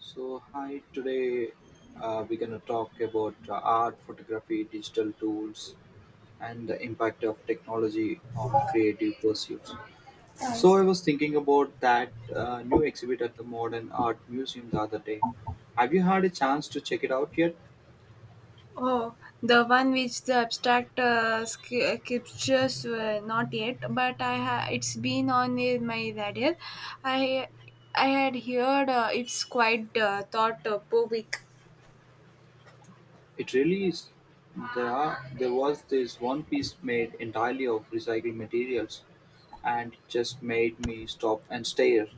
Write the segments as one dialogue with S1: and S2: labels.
S1: So, hi, today we're going to talk about art, photography, digital tools, and the impact of technology on creative pursuits. So, I was thinking about that new exhibit at the Modern Art Museum the other day. Have you had a chance to check it out yet?
S2: Oh, the one which the abstract scriptures were not yet, but it's been on in my radar. I I had heard it's quite thought provoking.
S1: It really is. There was this one piece made entirely of recycled materials and it just made me stop and stare.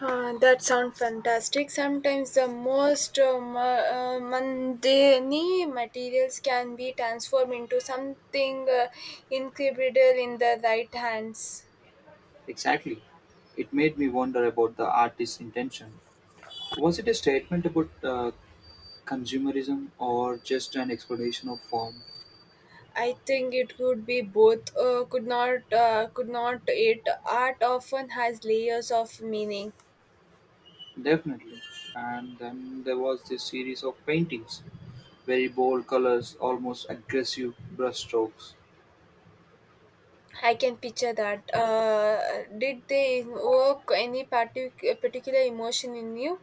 S2: That sounds fantastic. Sometimes the most mundane materials can be transformed into something incredible in the right hands.
S1: Exactly. It made me wonder about the artist's intention. Was it a statement about consumerism or just an explanation of form?
S2: I think it could be both. Could not, could not. It art often has layers of meaning.
S1: Definitely. And then there was this series of paintings, very bold colors, almost aggressive brushstrokes,
S2: I can picture that. Did they evoke any particular emotion in you?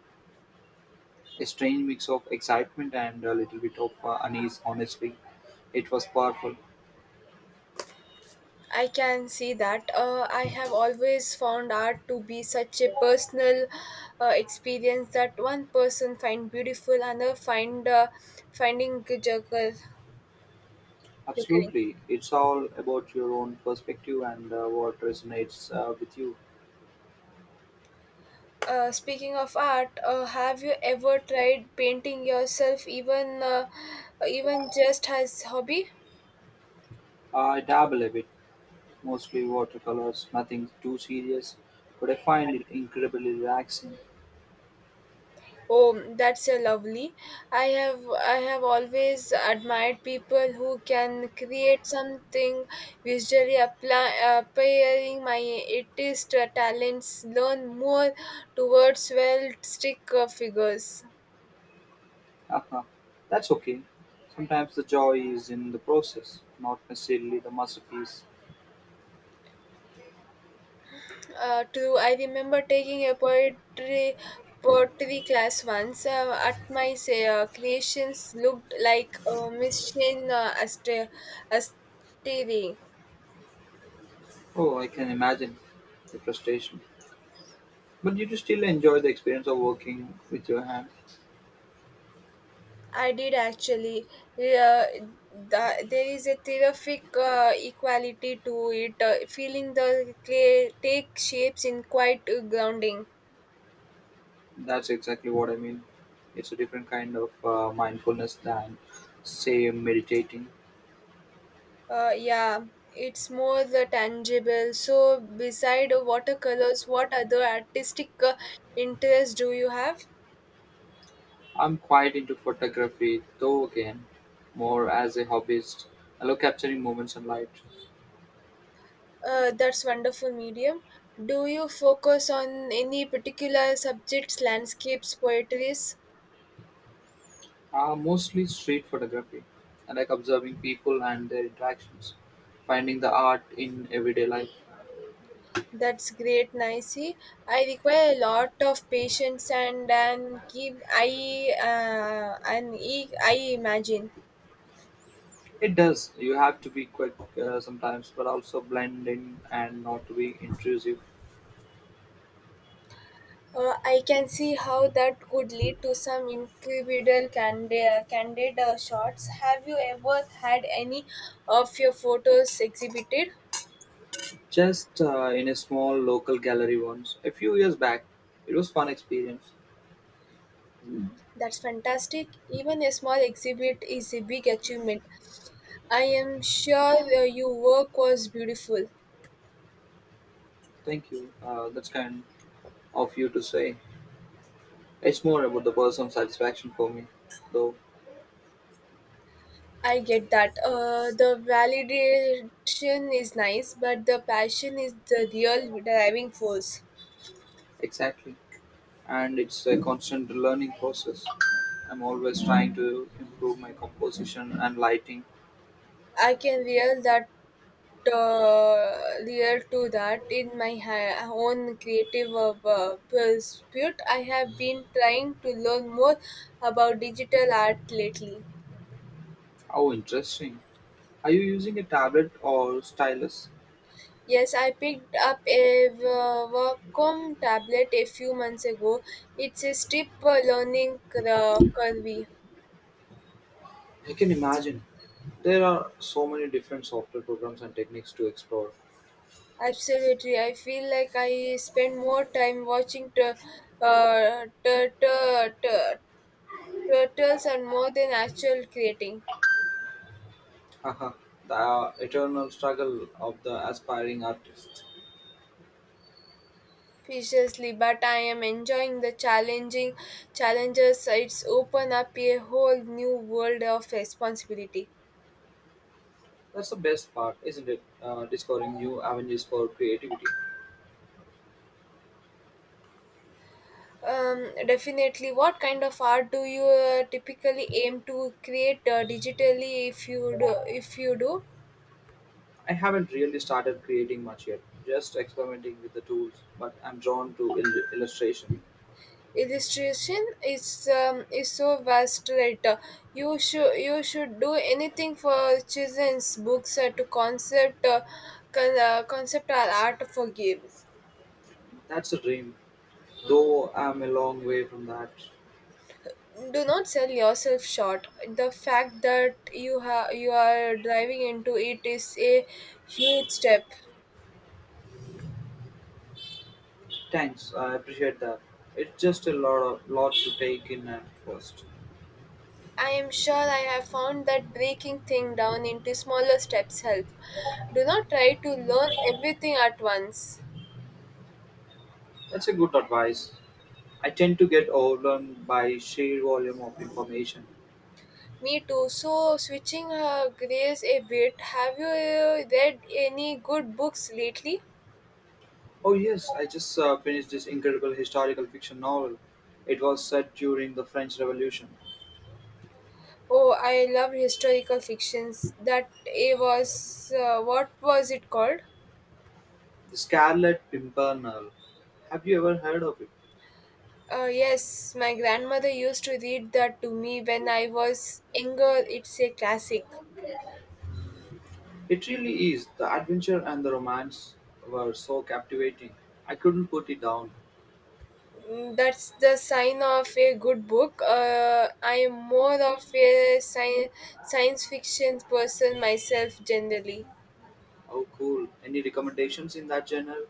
S1: a strange mix of excitement and a little bit of unease, honestly. It was powerful.
S2: I can see that. I have always found art to be such a personal experience that one person find beautiful, another find finding juggle.
S1: Absolutely. It's all about your own perspective and what resonates with you.
S2: Speaking of art, have you ever tried painting yourself, even just as hobby?
S1: I dabble a bit, mostly watercolors, nothing too serious, but I find it incredibly relaxing.
S2: Oh, that's a lovely. I have always admired people who can create something visually apply, appearing my artist talents. Learn more towards well stick figures.
S1: Haha, that's okay. Sometimes the joy is in the process, not necessarily the masterpiece.
S2: True. I remember taking a poetry class once. At my say, creations looked like machine Asteri.
S1: Oh, I can imagine the frustration. But you do still enjoy the experience of working with your hands.
S2: I did actually. Uh, there is a terrific equality to it. Feeling the clay take shapes in quite grounding.
S1: That's exactly what I mean. It's a different kind of mindfulness than, say, meditating.
S2: Yeah, it's more the tangible. So, beside watercolors, what other artistic interests do you have?
S1: I'm quite into photography, though again, more as a hobbyist. I love capturing moments and light.
S2: That's wonderful medium. Do you focus on any particular subjects, landscapes, poetries?
S1: Mostly street photography. I like observing people and their interactions, finding the art in everyday life.
S2: That's great, Nicey. I require a lot of patience and keep I and e- I imagine.
S1: It does. You have to be quick sometimes, but also blend in and not to be intrusive.
S2: I can see how that could lead to some incredible candid shots. Have you ever had any of your photos exhibited?
S1: Just in a small local gallery once, a few years back. It was fun experience.
S2: That's fantastic. Even a small exhibit is a big achievement. I am sure your work was beautiful.
S1: Thank you. That's kind of you to say. It's more about the personal satisfaction for me, though.
S2: I get that. The validation is nice, but the passion is the real driving force.
S1: Exactly. And it's a constant learning process. I'm always trying to improve my composition and lighting.
S2: I can real that uh, real to that in my own creative pursuit. I have been trying to learn more about digital art lately.
S1: How interesting. Are you using a tablet or stylus?
S2: Yes, I picked up a v- Wacom tablet a few months ago. It's a steep curve.
S1: I can imagine. There are so many different software programs and techniques to explore.
S2: Absolutely. I feel like I spend more time watching uh, t- t- t- turtles and more than actual creating.
S1: Haha, the eternal struggle of the aspiring artist.
S2: Preciously, but I am enjoying the challenging challenges. It's open up a whole new world of responsibility.
S1: That's the best part, isn't it? Discovering new avenues for creativity.
S2: Definitely. What kind of art do you typically aim to create digitally? If you do.
S1: I haven't really started creating much yet, just experimenting with the tools, but I'm drawn to illustration.
S2: Illustration is so vast, right? You should do anything for children's books to concept concept art for games.
S1: That's a dream, though I'm a long way from that.
S2: Do not sell yourself short. The fact that you are driving into it is a huge step.
S1: Thanks, I appreciate that. It's just a lot of lot to take in at first.
S2: I am sure. I have found that breaking things down into smaller steps help. Do not try to learn everything at once.
S1: That's a good advice. I tend to get overwhelmed by sheer volume of information.
S2: Me too. So switching grace a bit, have you read any good books lately?
S1: Oh yes, I just finished this incredible historical fiction novel. It was set during the French Revolution,
S2: Oh, I love historical fictions. That eh, was what was it called?
S1: The Scarlet Pimpernel. Have you ever heard of it?
S2: Yes, my grandmother used to read that to me when I was younger. It's a classic.
S1: It really is. The adventure and the romance were so captivating. I couldn't put it down.
S2: Mm, that's the sign of a good book. I am more of a science fiction person myself generally.
S1: Oh, cool. Any recommendations in that genre?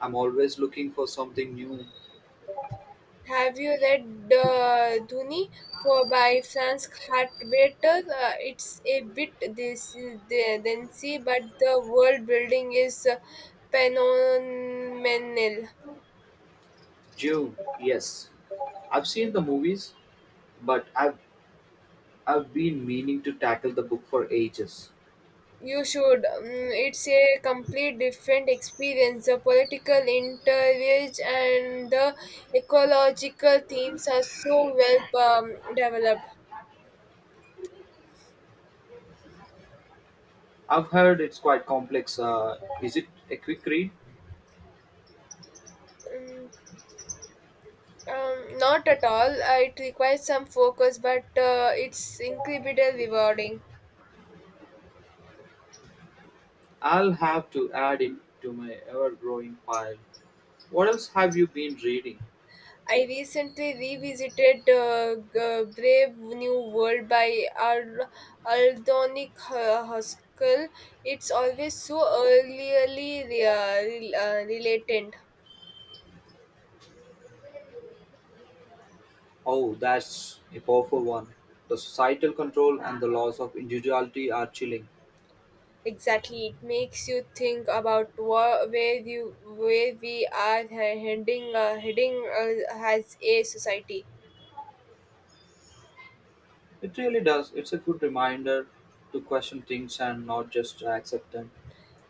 S1: I'm always looking for something new.
S2: Have you read Duni for by Franz Hartwetter? It's a bit this densy, but the world building is phenomenal.
S1: Dune, yes. I've seen the movies, but I've been meaning to tackle the book for ages.
S2: You should. Mm, it's a complete different experience. The political interviews and the ecological themes are so well developed.
S1: I've heard it's quite complex. Is it a quick read?
S2: Mm, Not at all. It requires some focus, but it's incredibly rewarding.
S1: I'll have to add it to my ever-growing pile. What else have you been reading?
S2: I recently revisited Brave New World by Aldonic Huskell. It's always so early uh, related.
S1: Oh, that's a powerful one. The societal control and the loss of individuality are chilling.
S2: Exactly, it makes you think about where we are heading as a society.
S1: It really does. It's a good reminder to question things and not just accept them.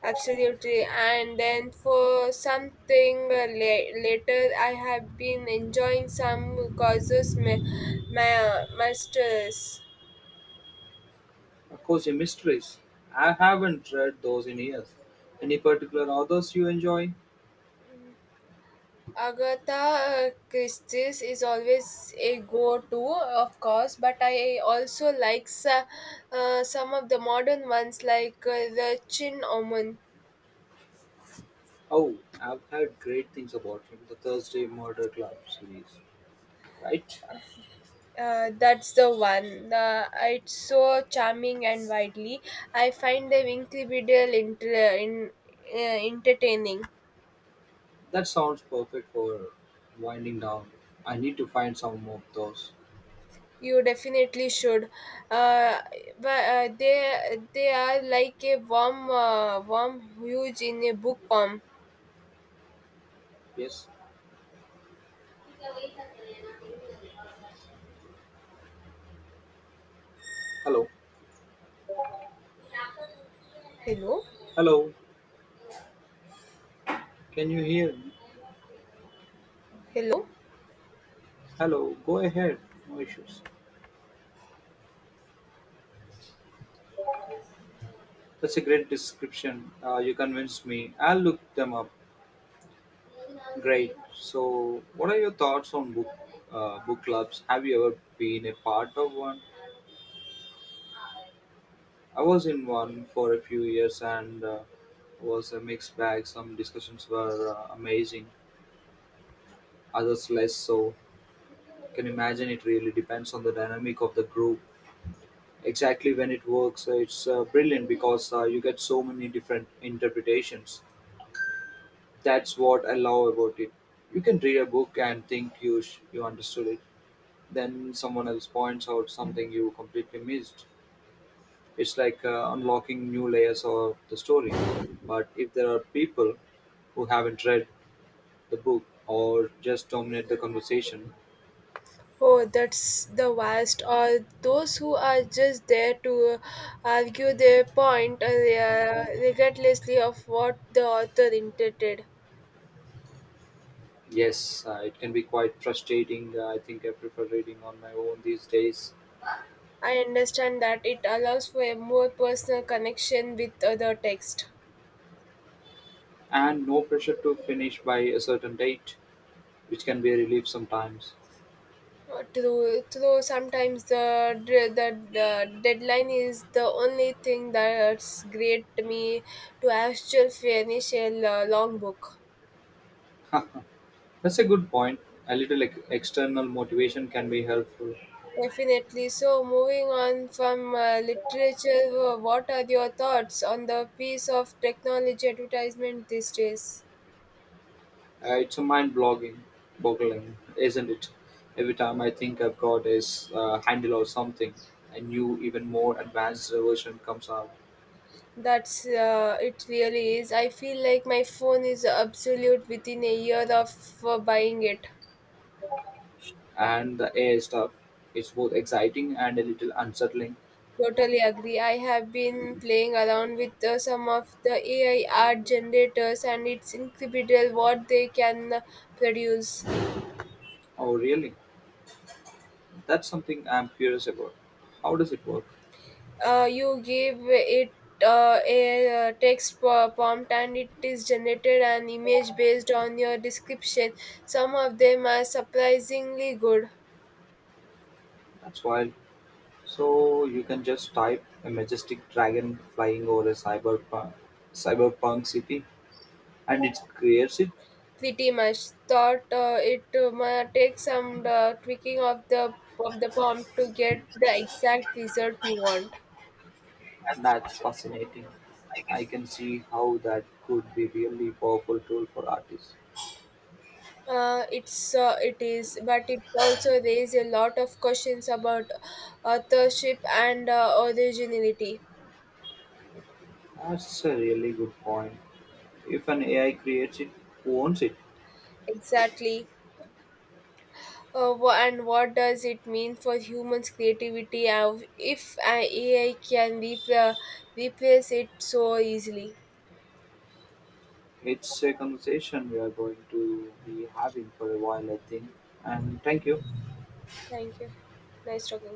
S2: Absolutely, and then for something later, I have been enjoying some causes masters.
S1: Of course, your mysteries. I haven't read those in years. Any particular authors you enjoy?
S2: Agatha Christie's is always a go-to, of course, but I also like some of the modern ones like The Chin Omen.
S1: Oh, I've heard great things about him. The Thursday Murder Club series. Right?
S2: That's the one. It's so charming and widely. I find them incredible entertaining.
S1: That sounds perfect for winding down. I need to find some more of those.
S2: You definitely should. Uh, but they are like a warm warm huge in a book form.
S1: Yes? Hello?
S2: Hello,
S1: Hello? Can you hear me?
S2: hello.
S1: Hello? Go ahead. No issues. That's a great description. You convinced me. I'll look them up. Great. So, what are your thoughts on book clubs? Have you ever been a part of one? I was in one for a few years and was a mixed bag. Some discussions were amazing, others less so. Can imagine it really depends on the dynamic of the group. Exactly when it works, it's brilliant because you get so many different interpretations. That's what I love about it. You can read a book and think you understood it then someone else points out something you completely missed. It's like unlocking new layers of the story. But if there are people who haven't read the book or just dominate the conversation,
S2: Oh, that's the worst. Or those who are just there to argue their point regardlessly of what the author intended.
S1: yes, it can be quite frustrating. I think I prefer reading on my own these days.
S2: I understand that it allows for a more personal connection with other text.
S1: And no pressure to finish by a certain date, which can be a relief sometimes.
S2: Though sometimes the deadline is the only thing that's great me to actually finish a long book.
S1: That's a good point. A little external motivation can be helpful.
S2: Definitely. So, moving on from literature, what are your thoughts on the piece of technology advertisement these days?
S1: It's a boggling, isn't it? Every time I think I've got a handle or something, a new, even more advanced version comes out,
S2: That's it really is. I feel like my phone is obsolete within a year of buying it.
S1: and the AI stuff its both exciting and a little unsettling.
S2: Totally agree. I have been playing around with some of the AI art generators, and it's incredible what they can produce.
S1: Oh, really? That's something I'm curious about. How does it work?
S2: You give it a text prompt, and it is generated an image based on your description. Some of them are surprisingly good.
S1: That's wild. So you can just type a majestic dragon flying over a cyberpunk city, and it creates it.
S2: Pretty much. Thought it might take some tweaking of the prompt to get the exact result you want.
S1: That's fascinating. I can see how that could be really powerful tool for artists.
S2: It is, but it also raises a lot of questions about authorship and originality.
S1: That's a really good point. If an AI creates it, who owns it?
S2: Exactly. And what does it mean for humans' creativity if an AI can replace it so easily?
S1: It's a conversation we are going to be having for a while, I think. And thank you.
S2: Thank you. Nice talking.